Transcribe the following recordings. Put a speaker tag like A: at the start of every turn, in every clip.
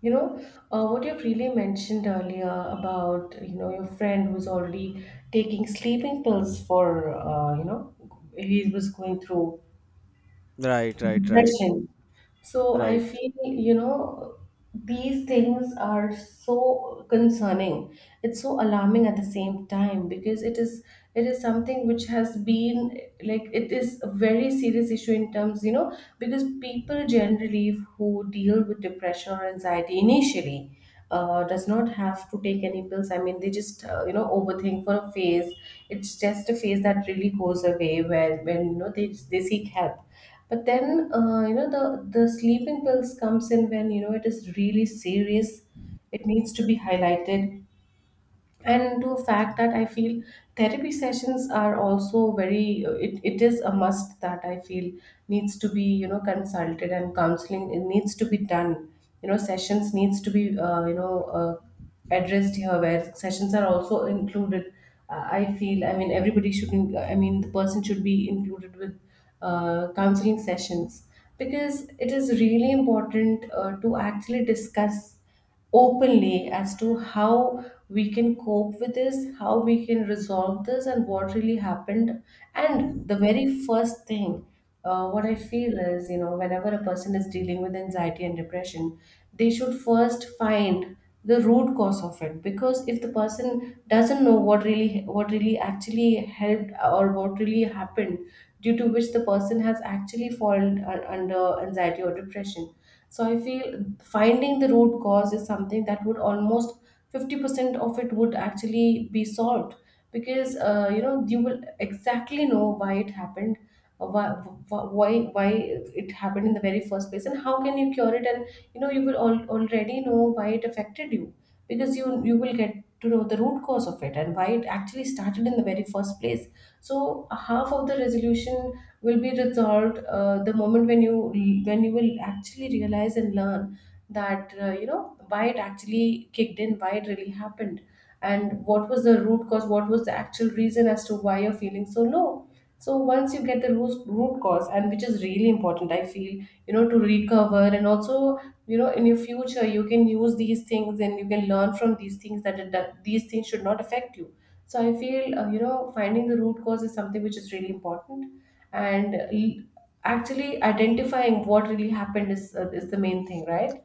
A: What you've really mentioned earlier about your friend who's already taking sleeping pills for, he was going through
B: Right, right, right,
A: depression. So I
B: right,
A: feel these things are so concerning. It's so alarming at the same time because it is something which has been like it is a very serious issue in terms, because people generally who deal with depression or anxiety initially does not have to take any pills. I mean, they just overthink for a phase. It's just a phase that really goes away where when they seek help. But then the sleeping pills comes in when it is really serious. It needs to be highlighted, and to a fact that I feel therapy sessions are also very, it is a must that I feel needs to be consulted, and counseling it needs to be done, sessions needs to be addressed here where sessions are also included. I feel, I mean everybody should I mean the person should be included with counseling sessions because it is really important to actually discuss openly as to how we can cope with this, how we can resolve this, and what really happened. And the very first thing, what I feel is, whenever a person is dealing with anxiety and depression, they should first find the root cause of it because if the person doesn't know what really actually helped or what really happened due to which the person has actually fallen under anxiety or depression. So I feel finding the root cause is something that would almost 50% of it would actually be solved because you will exactly know why it happened, uh, why why why it happened in the very first place and how can you cure it, and you will already know why it affected you because you will get to know the root cause of it and why it actually started in the very first place. So half of the resolution will be resolved the moment when you will actually realize and learn that why it actually kicked in, why it really happened, and what was the root cause, what was the actual reason as to why you're feeling so low. So once you get the root cause, and which is really important, I feel, to recover, and also, in your future, you can use these things and you can learn from these things that these things should not affect you. So I feel, finding the root cause is something which is really important, and actually identifying what really happened is the main thing, right?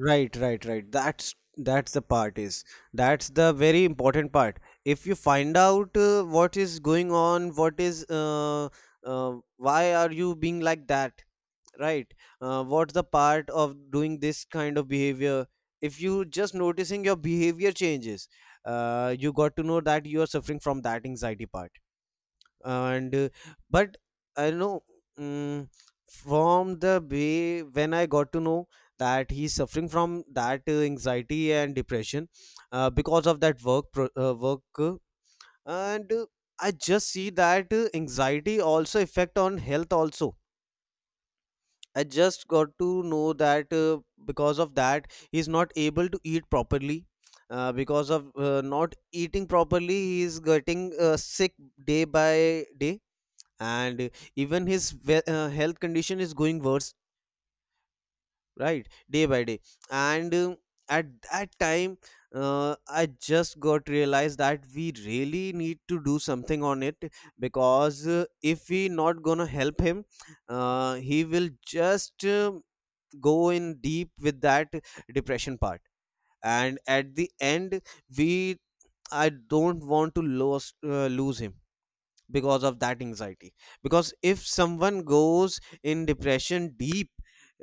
B: right. That's the part is that's the very important part. If you find out what is going on, what is why are you being like that, right? What's the part of doing this kind of behavior? If you just noticing your behavior changes, you got to know that you are suffering from that anxiety part and but I know mm from the way when I got to know that he's suffering from that anxiety and depression because of that work And I just see that anxiety also affect on health also. I just got to know that because of that he's not able to eat properly. Because of not eating properly he is getting sick day by day, and even his health condition is going worse right day by day. And At that time I just got realized that we really need to do something on it because if we not gonna help him, he will just go in deep with that depression part, and at the end we I don't want to lose lose him because of that anxiety, because if someone goes in depression deep,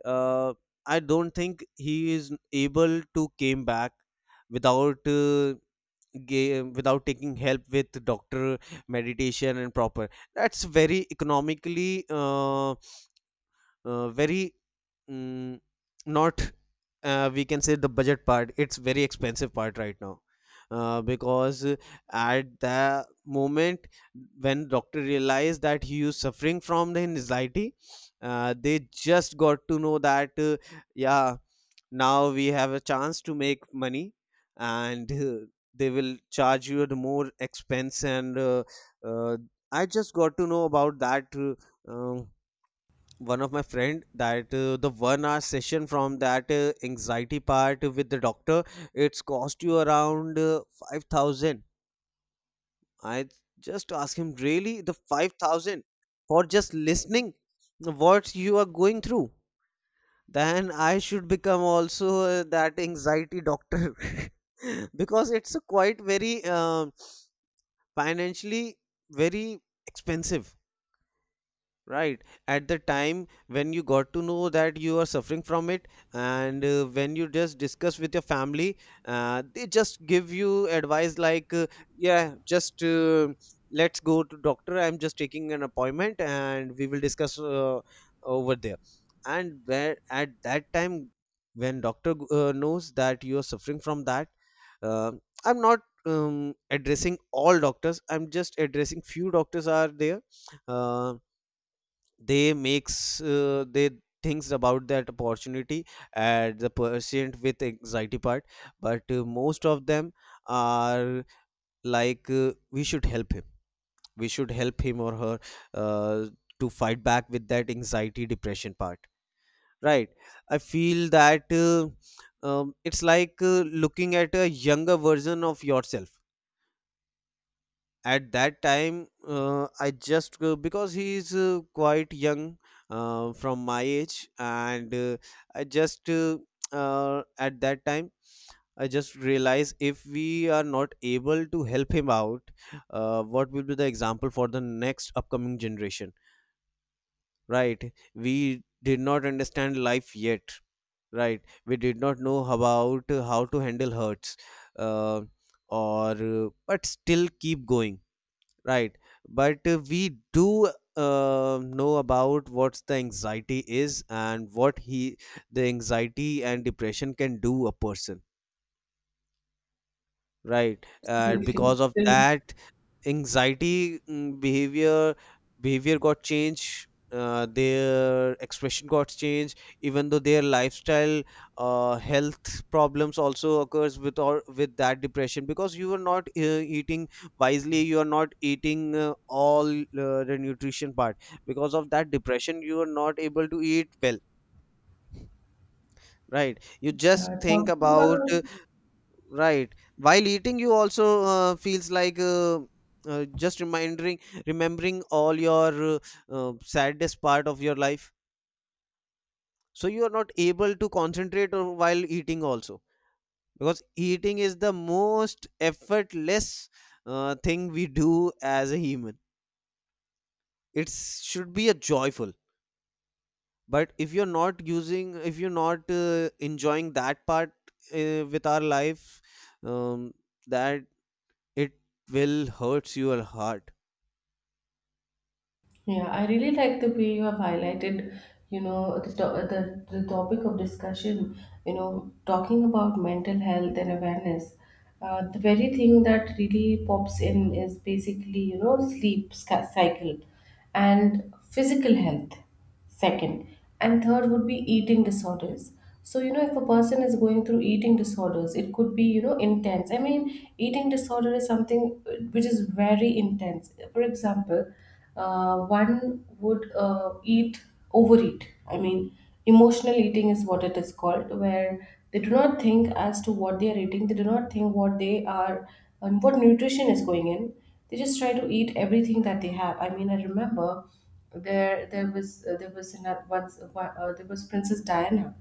B: uh, I don't think he is able to came back without uh, without taking help with doctor, meditation and proper. That's very economically very mm, not we can say the budget part, it's very expensive part right now. Because At the moment when doctor realized that he was suffering from the anxiety, they just got to know that yeah, now we have a chance to make money, and they will charge you the more expense. And uh, uh, i just got to know about that um one of my friend that the 1 hour session from that anxiety part with the doctor, it's cost you around 5,000. I just asked him, really the 5,000 for just listening what you are going through? Then I should become also that anxiety doctor because it's a quite very financially very expensive. Right. At the time when you got to know that you are suffering from it, and when you just discuss with your family, they just give you advice like, yeah, just let's go to doctor. I'm just taking an appointment, and we will discuss over there. And where at that time, when doctor knows that you are suffering from that, uh, I'm not addressing all doctors. I'm just addressing few doctors are there. Uh, they makes they thinks about that opportunity and the patient with anxiety part. But most of them are like, we should help him, we should help him or her, uh, to fight back with that anxiety depression part, right? I feel that it's like looking at a younger version of yourself. At that time I just because he's quite young from my age, and I just at that time I just realize if we are not able to help him out, what will be the example for the next upcoming generation, right? We did not understand life yet, right? We did not know about how to handle hurts, uh, or but still keep going. Right. But we do know about what the anxiety is and what he the anxiety and depression can do a person. Right. And
A: Absolutely.
B: because of
A: Absolutely.
B: that, anxiety behavior got changed. Their expression got changed. Even though their lifestyle, health problems also occurs with or with that depression because you are not eating wisely. You are not eating all the nutrition part. Because of that depression, you are not able to eat well. Right. You just think
A: Talking about
B: about. Right. While eating, you also feels like just remembering all your saddest part of your life. So you are not able to concentrate or while eating also because eating is the most effortless thing we do as a human. It should be a joyful. But if you're not using, if you're not enjoying that part with our life, um, that it will hurts your heart.
A: Yeah, I really like the way you have highlighted, the the topic of discussion, talking about mental health and awareness. The very thing that really pops in is basically, cycle and physical health. Second, and third would be eating disorders. So, if a person is going through eating disorders, it could be intense. I mean, eating disorder is something which is very intense. For example, one would overeat. I mean, emotional eating is what it is called, where they do not think as to what they are eating, they do not think what they are and what nutrition is going in. They just try to eat everything that they have. I mean, I remember there there was another once one- there was Princess Diana.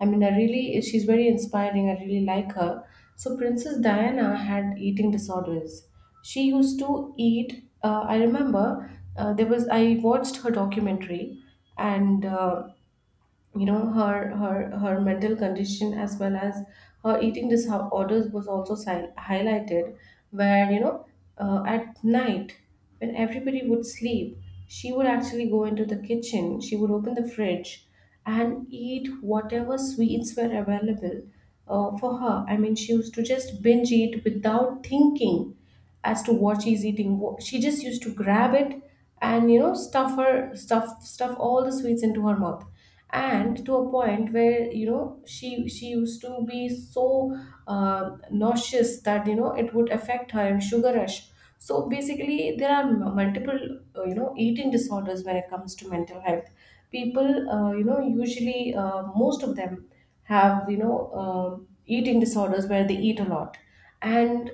A: I mean, I really, she's very inspiring, I really like her. So Princess Diana had eating disorders. She used to eat, I remember, there was I watched her documentary. And her mental condition as well as her eating disorders was also highlighted, where at night when everybody would sleep, she would actually go into the kitchen, she would open the fridge and eat whatever sweets were available for her. I mean, she used to just binge eat without thinking as to what she's eating. She just used to grab it and stuff her stuff all the sweets into her mouth, and to a point where she used to be so nauseous that it would affect her and sugar rush. So basically, there are multiple eating disorders when it comes to mental health. People usually, most of them have eating disorders where they eat a lot, and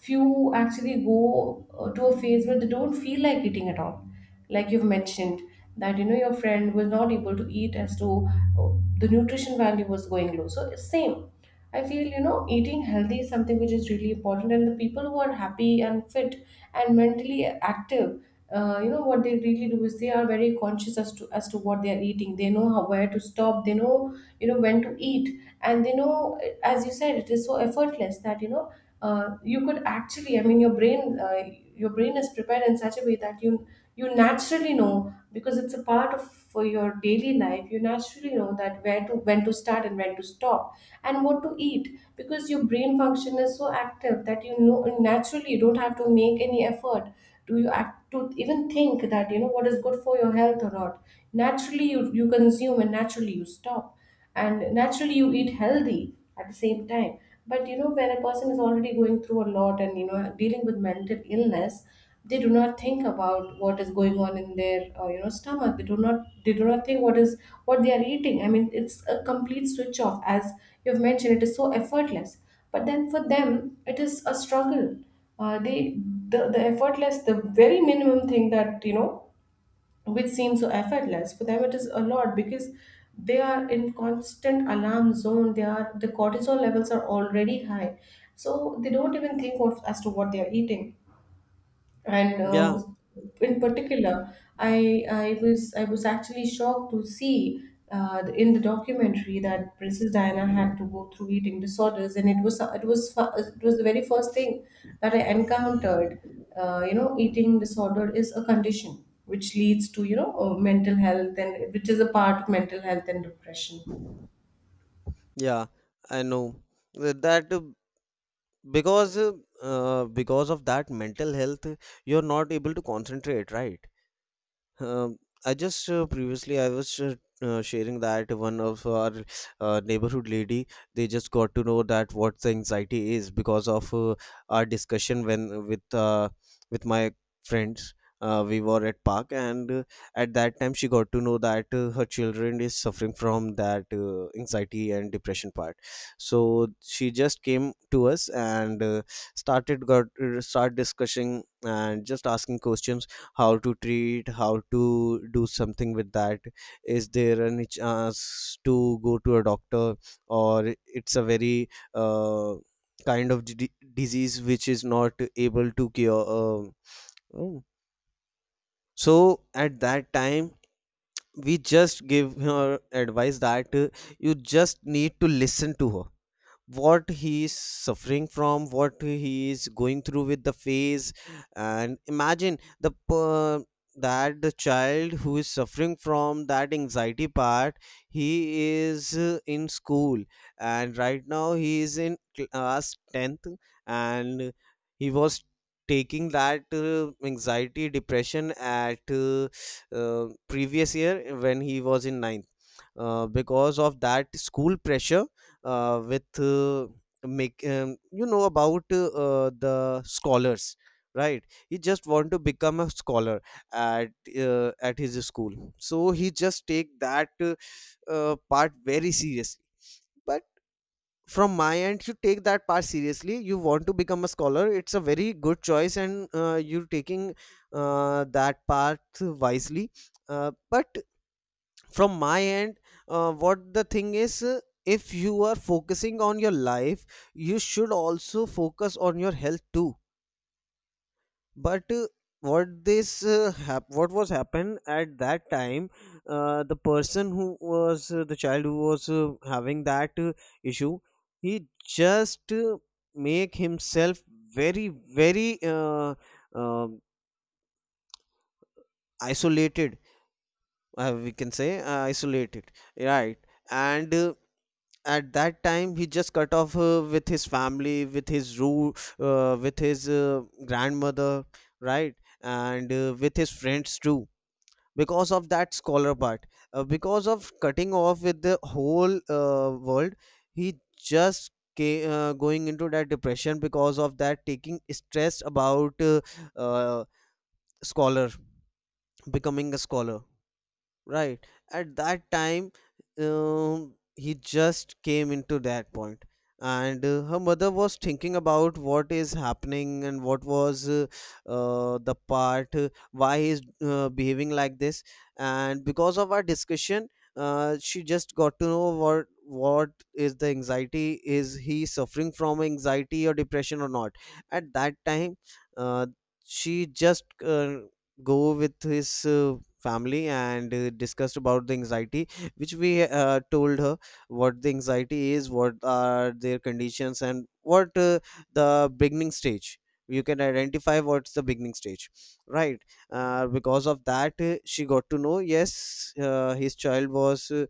A: few actually go to a phase where they don't feel like eating at all, like you've mentioned, that your friend was not able to eat as to uh, the nutrition value was going low. So it's same. I feel, eating healthy is something which is really important, and the people who are happy and fit and mentally active, what they really do is they are very conscious as to what they are eating. They know how, where to stop, they know, when to eat, and they know, as you said, it is so effortless that you could actually, I mean, your brain is prepared in such a way that you naturally know because it's a part of for your daily life. You naturally know that where to when to start and when to stop and what to eat because your brain function is so active that naturally you don't have to make any effort to you to even think that what is good for your health or not. Naturally you consume, and naturally you stop, and naturally you eat healthy at the same time. But when a person is already going through a lot and dealing with mental illness, they do not think about what is going on in their stomach. They do not think what is what they are eating. I mean, it's a complete switch off as you've mentioned. It is so effortless, but then for them it is a struggle. uh, they the effortless, the very minimum thing that which seems so effortless for them, it is a lot because they are in constant alarm zone. The cortisol levels are already high, so they don't even think of as to what they are eating, and
B: Yeah,
A: in particular, I was actually shocked to see in the documentary that Princess Diana had to go through eating disorders, and it was the very first thing that I encountered. Eating disorder is a condition which leads to mental health, and which is a part of mental health and depression.
B: yeah, I know. That Because because of that mental health, you're not able to concentrate, right? Um, I just Previously I was sharing that one of our neighborhood lady, they just got to know that what the anxiety is because of our discussion when with my friends. We were at park, and at that time she got to know that her children is suffering from that anxiety and depression part. So she just came to us, and start discussing and just asking questions: how to treat, how to do something with that. Is there any chance to go to a doctor, or it's a very uh, kind of disease which is not able to cure? Oh. So at that time, we just give her advice that you just need to listen to her, what he is suffering from, what he is going through with the phase. And imagine that the child who is suffering from that anxiety part, he is in school, and right now he is in class 10th, and he was taking that anxiety depression at previous year when he was in ninth, because of that school pressure with make you know about the scholars, right? He just want to become a scholar at at his school. So he just take that part very seriously. But from my end, you take that part seriously, you want to become a scholar, it's a very good choice, and you're taking that path wisely. But from my end, what the thing is, if you are focusing on your life, you should also focus on your health too. But what what was happened at that time, the child who was having that issue, he just make himself very very um isolated, we can say isolated, right? And at that time he just cut off with his family, with his root, with his grandmother, right? And with his friends too, because of that scholar part. Because of cutting off with the whole world, he just going into that depression because of that taking stress about uh, scholar becoming a scholar. Right. At that time, he just came into that point. And her mother was thinking about what is happening and what was the part, why he's behaving like this. And because of our discussion, she just got to know what is the anxiety. Is he suffering from anxiety or depression or not? At that time, uh, she just go with his family and discussed about the anxiety which we told her, what the anxiety is, what are their conditions, and what the beginning stage, you can identify what's the beginning stage, right? Because of that she got to know, yes, his child was uh,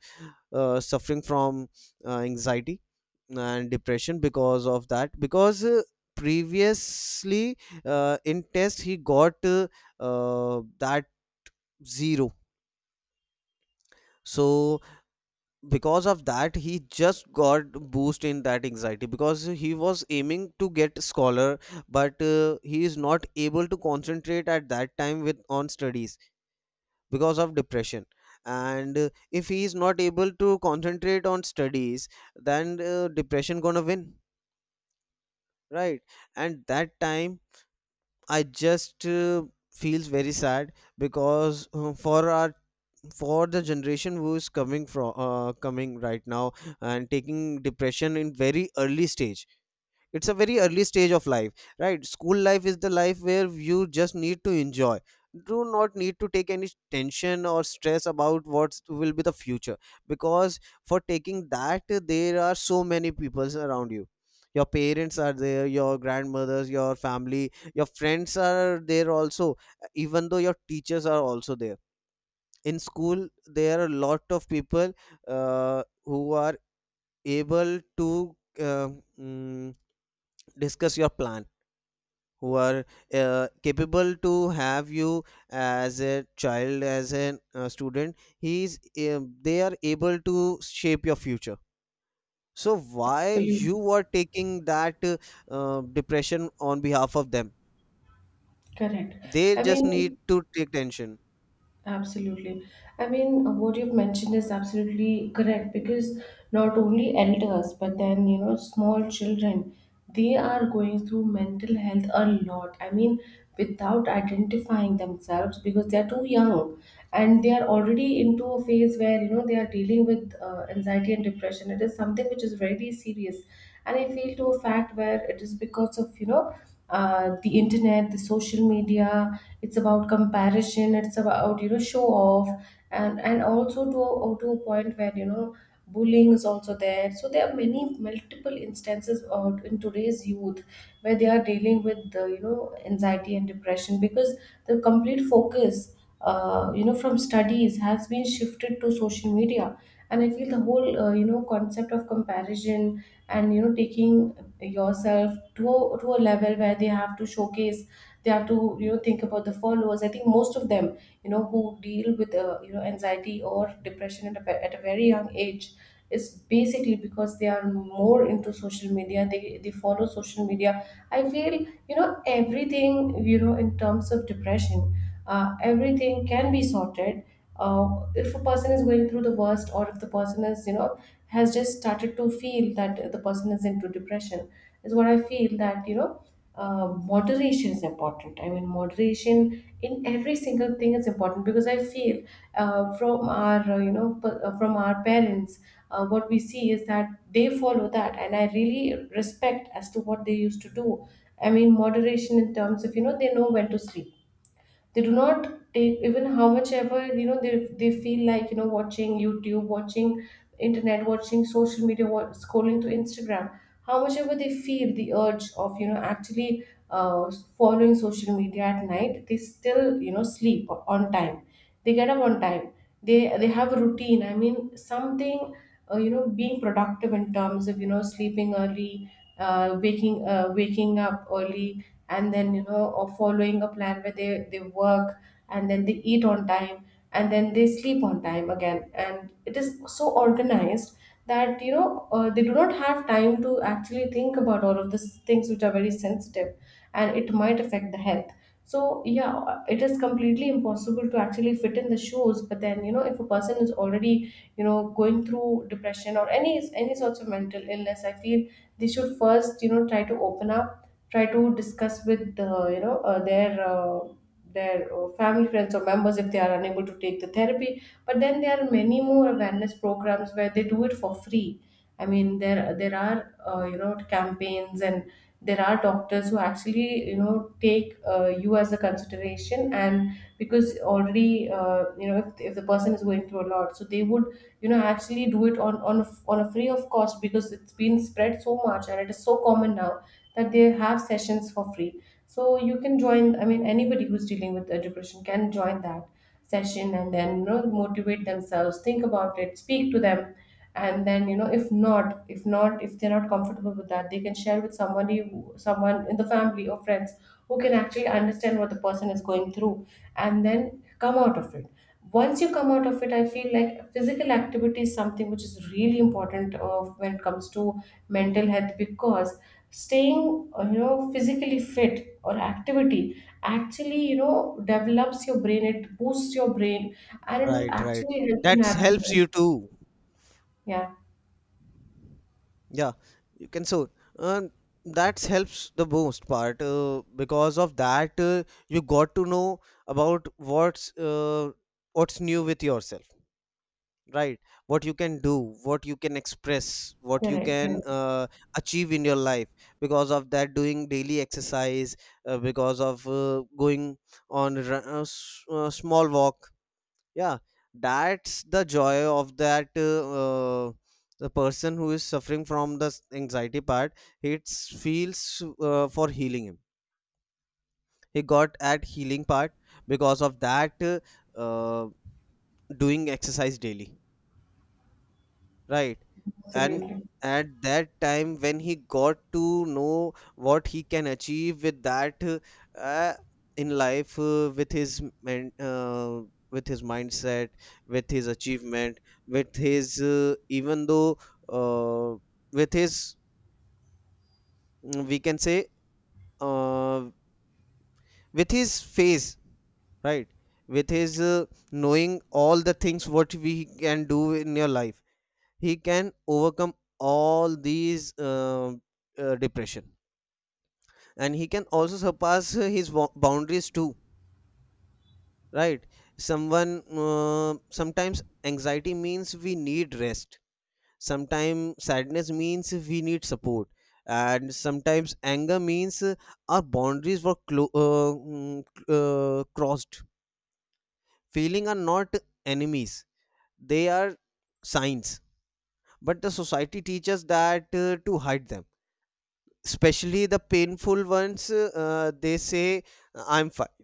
B: uh, suffering from anxiety and depression because of that. Because previously in test he got that zero. So because of that, he just got boost in that anxiety because he was aiming to get scholar, but he is not able to concentrate at that time with on studies because of depression. And if he is not able to concentrate on studies, then depression gonna win, right? And that time I just feels very sad because for our for the generation who is coming from coming right now and taking depression in very early stage. It's a very early stage of life. Right, school life is the life where you just need to enjoy, do not need to take any tension or stress about what will be the future, because for taking that there are so many people around you. Your parents are there, your grandmothers, your family, your friends are there also. Even though your teachers are also there, in school there are a lot of people who are able to uh, mm, discuss your plan, who are capable to have you as a child, as a student. He's uh, they are able to shape your future. So why
A: Absolutely
B: you are taking that depression on behalf of them?
A: correct.
B: They
A: I
B: just need
A: mean,
B: to take tension.
A: absolutely. I mean, what you've mentioned is absolutely correct because not only elders, but then, small children, they are going through mental health a lot. I mean, without identifying themselves because they are too young, and they are already into a phase where, they are dealing with anxiety and depression. It is something which is very serious. And I feel to a fact where it is because of, the internet, the social media. It's about comparison, it's about show off, and also to a point where bullying is also there. So there are many multiple instances of in today's youth where they are dealing with the anxiety and depression because the complete focus, from studies has been shifted to social media. And I feel the whole concept of comparison and taking yourself to to a level where they have to showcase, they have to, think about the followers. I think most of them, who deal with anxiety or depression at a very young age, is basically because they are more into social media, they follow social media. I feel, everything, in terms of depression, everything can be sorted uh, if a person is going through the worst, or if the person is, has just started to feel that the person is into depression, is what I feel that moderation is important. I mean moderation in every single thing is important because I feel from our from our parents. What we see is that they follow that, and I really respect as to what they used to do. I mean moderation in terms of, they know when to sleep. They do not take, even how much ever they feel like, watching YouTube, watching internet, watching social media, scrolling through Instagram. How much ever they feel the urge of, actually uh, following social media at night, they still sleep on time. They get up on time. They have a routine, I mean something being productive in terms of sleeping early, waking up early, and then, or following a plan where they work, and then they eat on time, and then they sleep on time again. And it is so organized that they do not have time to actually think about all of these things, which are very sensitive, and it might affect the health. So yeah, it is completely impossible to actually fit in the shoes. But then, if a person is already going through depression or any sorts of mental illness, I feel they should first try to open up, try to discuss with their family, friends, or members, if they are unable to take the therapy. But then there are many more awareness programs where they do it for free. I mean, there are campaigns, and there are doctors who actually take you as a consideration. And because already if the person is going through a lot, so they would actually do it on on a free of cost, because it's been spread so much, and it is so common now, that they have sessions for free. So you can join. I mean, anybody who's dealing with depression can join that session, and then, motivate themselves, think about it, speak to them. And then, if not, if they're not comfortable with that, they can share with someone in the family or friends, who can actually understand what the person is going through, and then come out of it. Once you come out of it, I feel like physical activity is something which is really important when it comes to mental health, because staying physically fit, or activity, actually develops your brain. It boosts your brain, and it will
B: Right, right,
A: actually help you
B: that helps
A: navigate.
B: you too.
A: Yeah.
B: Yeah, you can so uh, that helps the most part because of that you got to know about what's new with yourself, right? What you can do, what you can express, what you
A: Correct,
B: can
A: correct.
B: achieve in your life, because of that doing daily exercise, because of going on small walk, yeah, that's the joy of that the person who is suffering from the anxiety part. It feels for healing him. He got at healing part because of that uh, doing exercise daily. Right. And
A: Absolutely.
B: at that time, when he got to know what he can achieve with that uh, in life, with his mindset, with his achievement, with his even though uh, with his we can say uh, with his face, right? With his knowing all the things what we can do in your life, he can overcome all these depression, and he can also surpass his boundaries too, right? Someone sometimes anxiety means we need rest, sometimes sadness means we need support, and sometimes anger means our boundaries were crossed. Feeling are not enemies, they are signs. But the society teaches that to hide them, especially the painful ones. They say I'm fine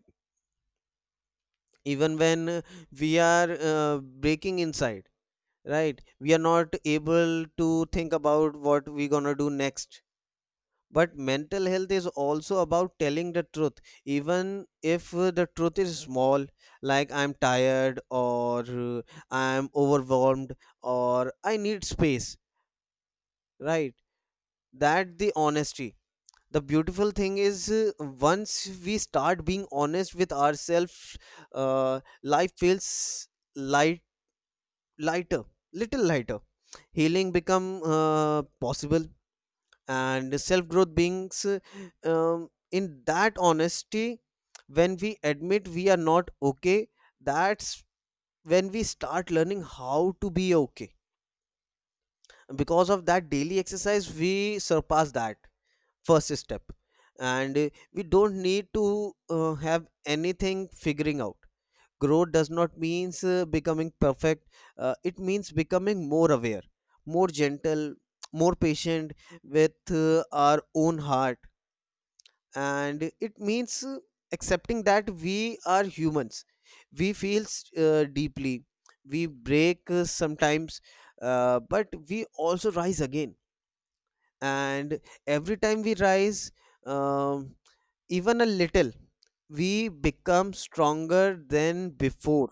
B: even when we are breaking inside. Right, we are not able to think about what we gonna do next. But mental health is also about telling the truth, even if the truth is small, like I'm tired, or I'm overwhelmed, or I need space, right? That the honesty. The beautiful thing is once we start being honest with ourselves, life feels light lighter, little lighter. Healing become possible, and self growth beings in that honesty. When we admit we are not okay, that's when we start learning how to be okay. Because of that daily exercise we surpass that first step. And we don't need to have anything figuring out. Growth does not means becoming perfect. It means becoming more aware, more gentle, more patient with our own heart. And it means accepting that we are humans. We feel deeply, we break sometimes, but we also rise again. And every time we rise, um, even a little, we become stronger than before.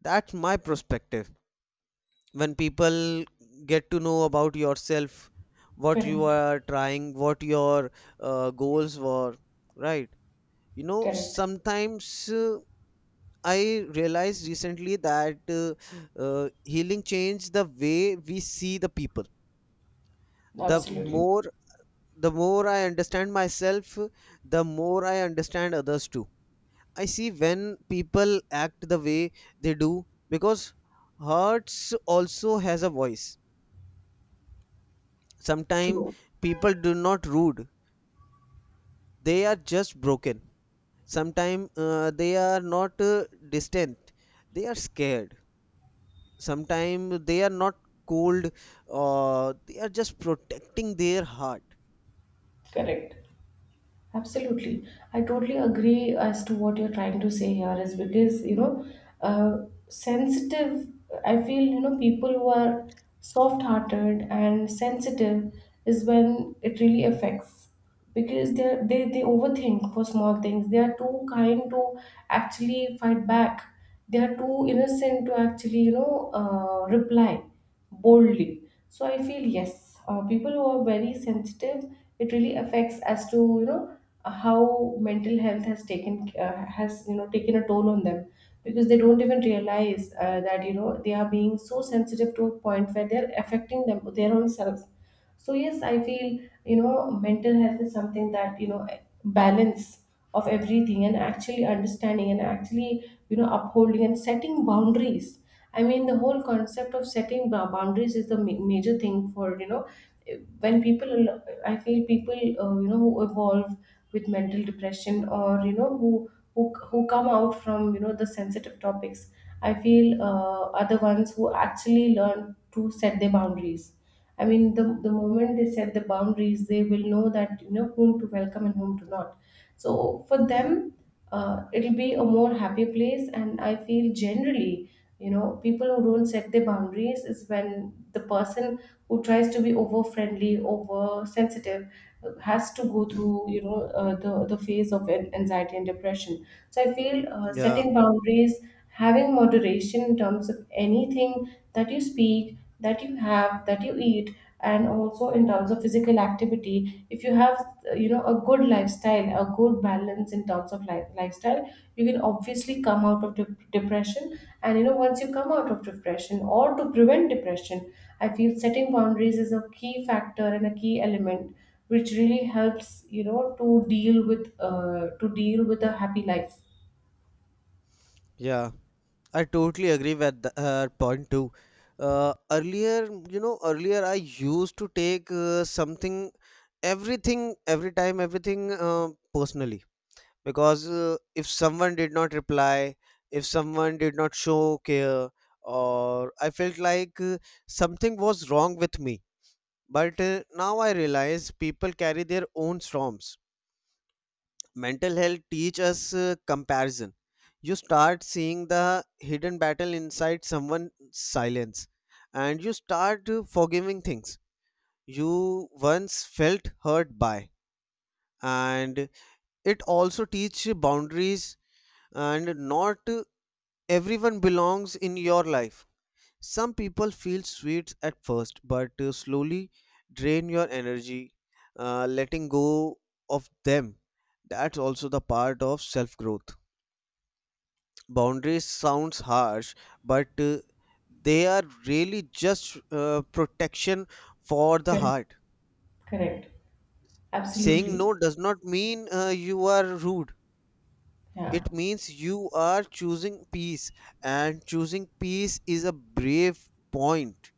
B: That's my perspective. When people get to know about yourself, what you
A: Correct,
B: are trying, what your goals were, right? You know,
A: correct.
B: sometimes I realized recently that healing changed the way we see the people. the
A: Absolutely.
B: more The more I understand myself, the more I understand others too. I see when people act the way they do because hearts also has a voice. Sometimes
A: True.
B: people do not rude, they are just broken. Sometimes they are not distant, they are scared. Sometimes they are not cold, or they are just protecting their heart.
A: Correct. Absolutely. I totally agree as to what you're trying to say here, is because, uh, sensitive, I feel, people who are soft hearted and sensitive is when it really affects, because they overthink for small things. They are too kind to actually fight back. They are too innocent to actually, reply boldly. So I feel yes, people who are very sensitive, it really affects as to, how mental health has taken has you know taken a toll on them, because they don't even realize that, they are being so sensitive to a point where they're affecting them, their own selves. So yes, I feel, mental health is something that, balance of everything, and actually understanding, and actually upholding and setting boundaries. I mean, the whole concept of setting boundaries is the major thing for, when people, I feel people, who evolve with mental depression, or, who come out from, the sensitive topics, I feel are the ones who actually learn to set their boundaries. I mean, the moment they set the boundaries, they will know that, whom to welcome and whom to not. So for them, it'll be a more happy place. And I feel generally, people who don't set their boundaries is when the person who tries to be over friendly, over sensitive, has to go through, the phase of anxiety and depression. So I feel
B: Yeah,
A: setting boundaries, having moderation in terms of anything that you speak, that you have, that you eat, and also in terms of physical activity. If you have, a good lifestyle, a good balance in terms of life, lifestyle, you can obviously come out of depression. And once you come out of depression, or to prevent depression, I feel setting boundaries is a key factor and a key element, which really helps, to deal with, a happy life.
B: yeah, I totally agree with the, her point too. Earlier, you know, earlier I used to take everything, every time, everything personally, because if someone did not reply, if someone did not show care, or I felt like something was wrong with me. But now I realize people carry their own storms. Mental health teach us comparison. You start seeing the hidden battle inside someone's silence, and you start forgiving things you once felt hurt by. And it also teach boundaries, and not everyone belongs in your life. Some people feel sweet at first, but slowly drain your energy. Letting go of them, that's also the part of self growth. Boundaries sounds harsh, but they are really just protection for the
A: Correct,
B: heart.
A: correct.
B: Saying
A: Absolutely.
B: no does not mean you are rude.
A: Yeah.
B: It means you are choosing peace, and choosing peace is a brave point.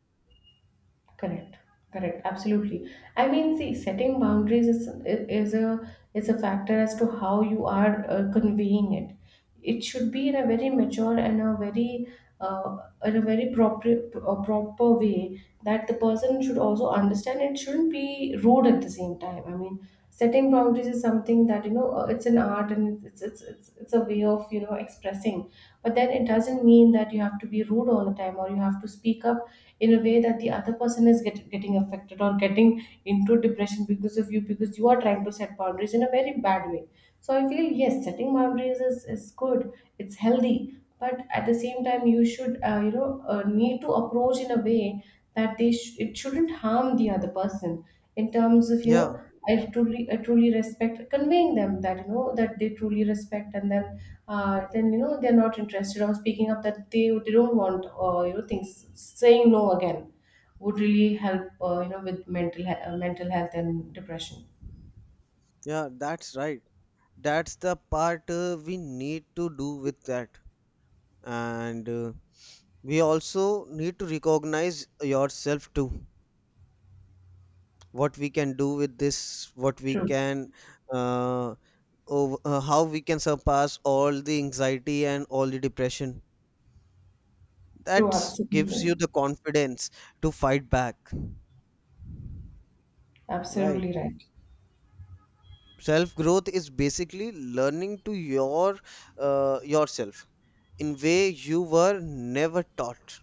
A: Correct. Correct. Absolutely. I mean, see, setting boundaries is a factor as to how you are conveying it. It should be in a very mature and a very uh, in a very proper way that the person should also understand. It shouldn't be rude at the same time. I mean, setting boundaries is something that, it's an art, and it's a way of, expressing. But then it doesn't mean that you have to be rude all the time, or you have to speak up in a way that the other person is getting affected, or getting into depression because of you, because you are trying to set boundaries in a very bad way. So I feel, yes, setting boundaries is good, it's healthy. But at the same time, you should need to approach in a way that it shouldn't harm the other person in terms of
B: Yeah,
A: I truly respect conveying them that, that they truly respect, and then then, they're not interested, or speaking up that they don't want, things. Saying no again would really help, with mental health and depression.
B: yeah, that's right. That's the part we need to do with that. And we also need to recognize yourself too, what we can do with this, what we
A: True.
B: can uh, how we can surpass all the anxiety and all the depression.
A: True.
B: That
A: Absolutely.
B: gives you the confidence to fight back, right?
A: Absolutely right.
B: Self growth is basically learning to your yourself in way you were never taught.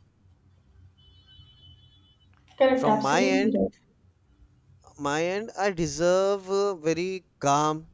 A: Correct.
B: From my
A: Absolutely
B: end
A: right.
B: My end, I deserve a very calm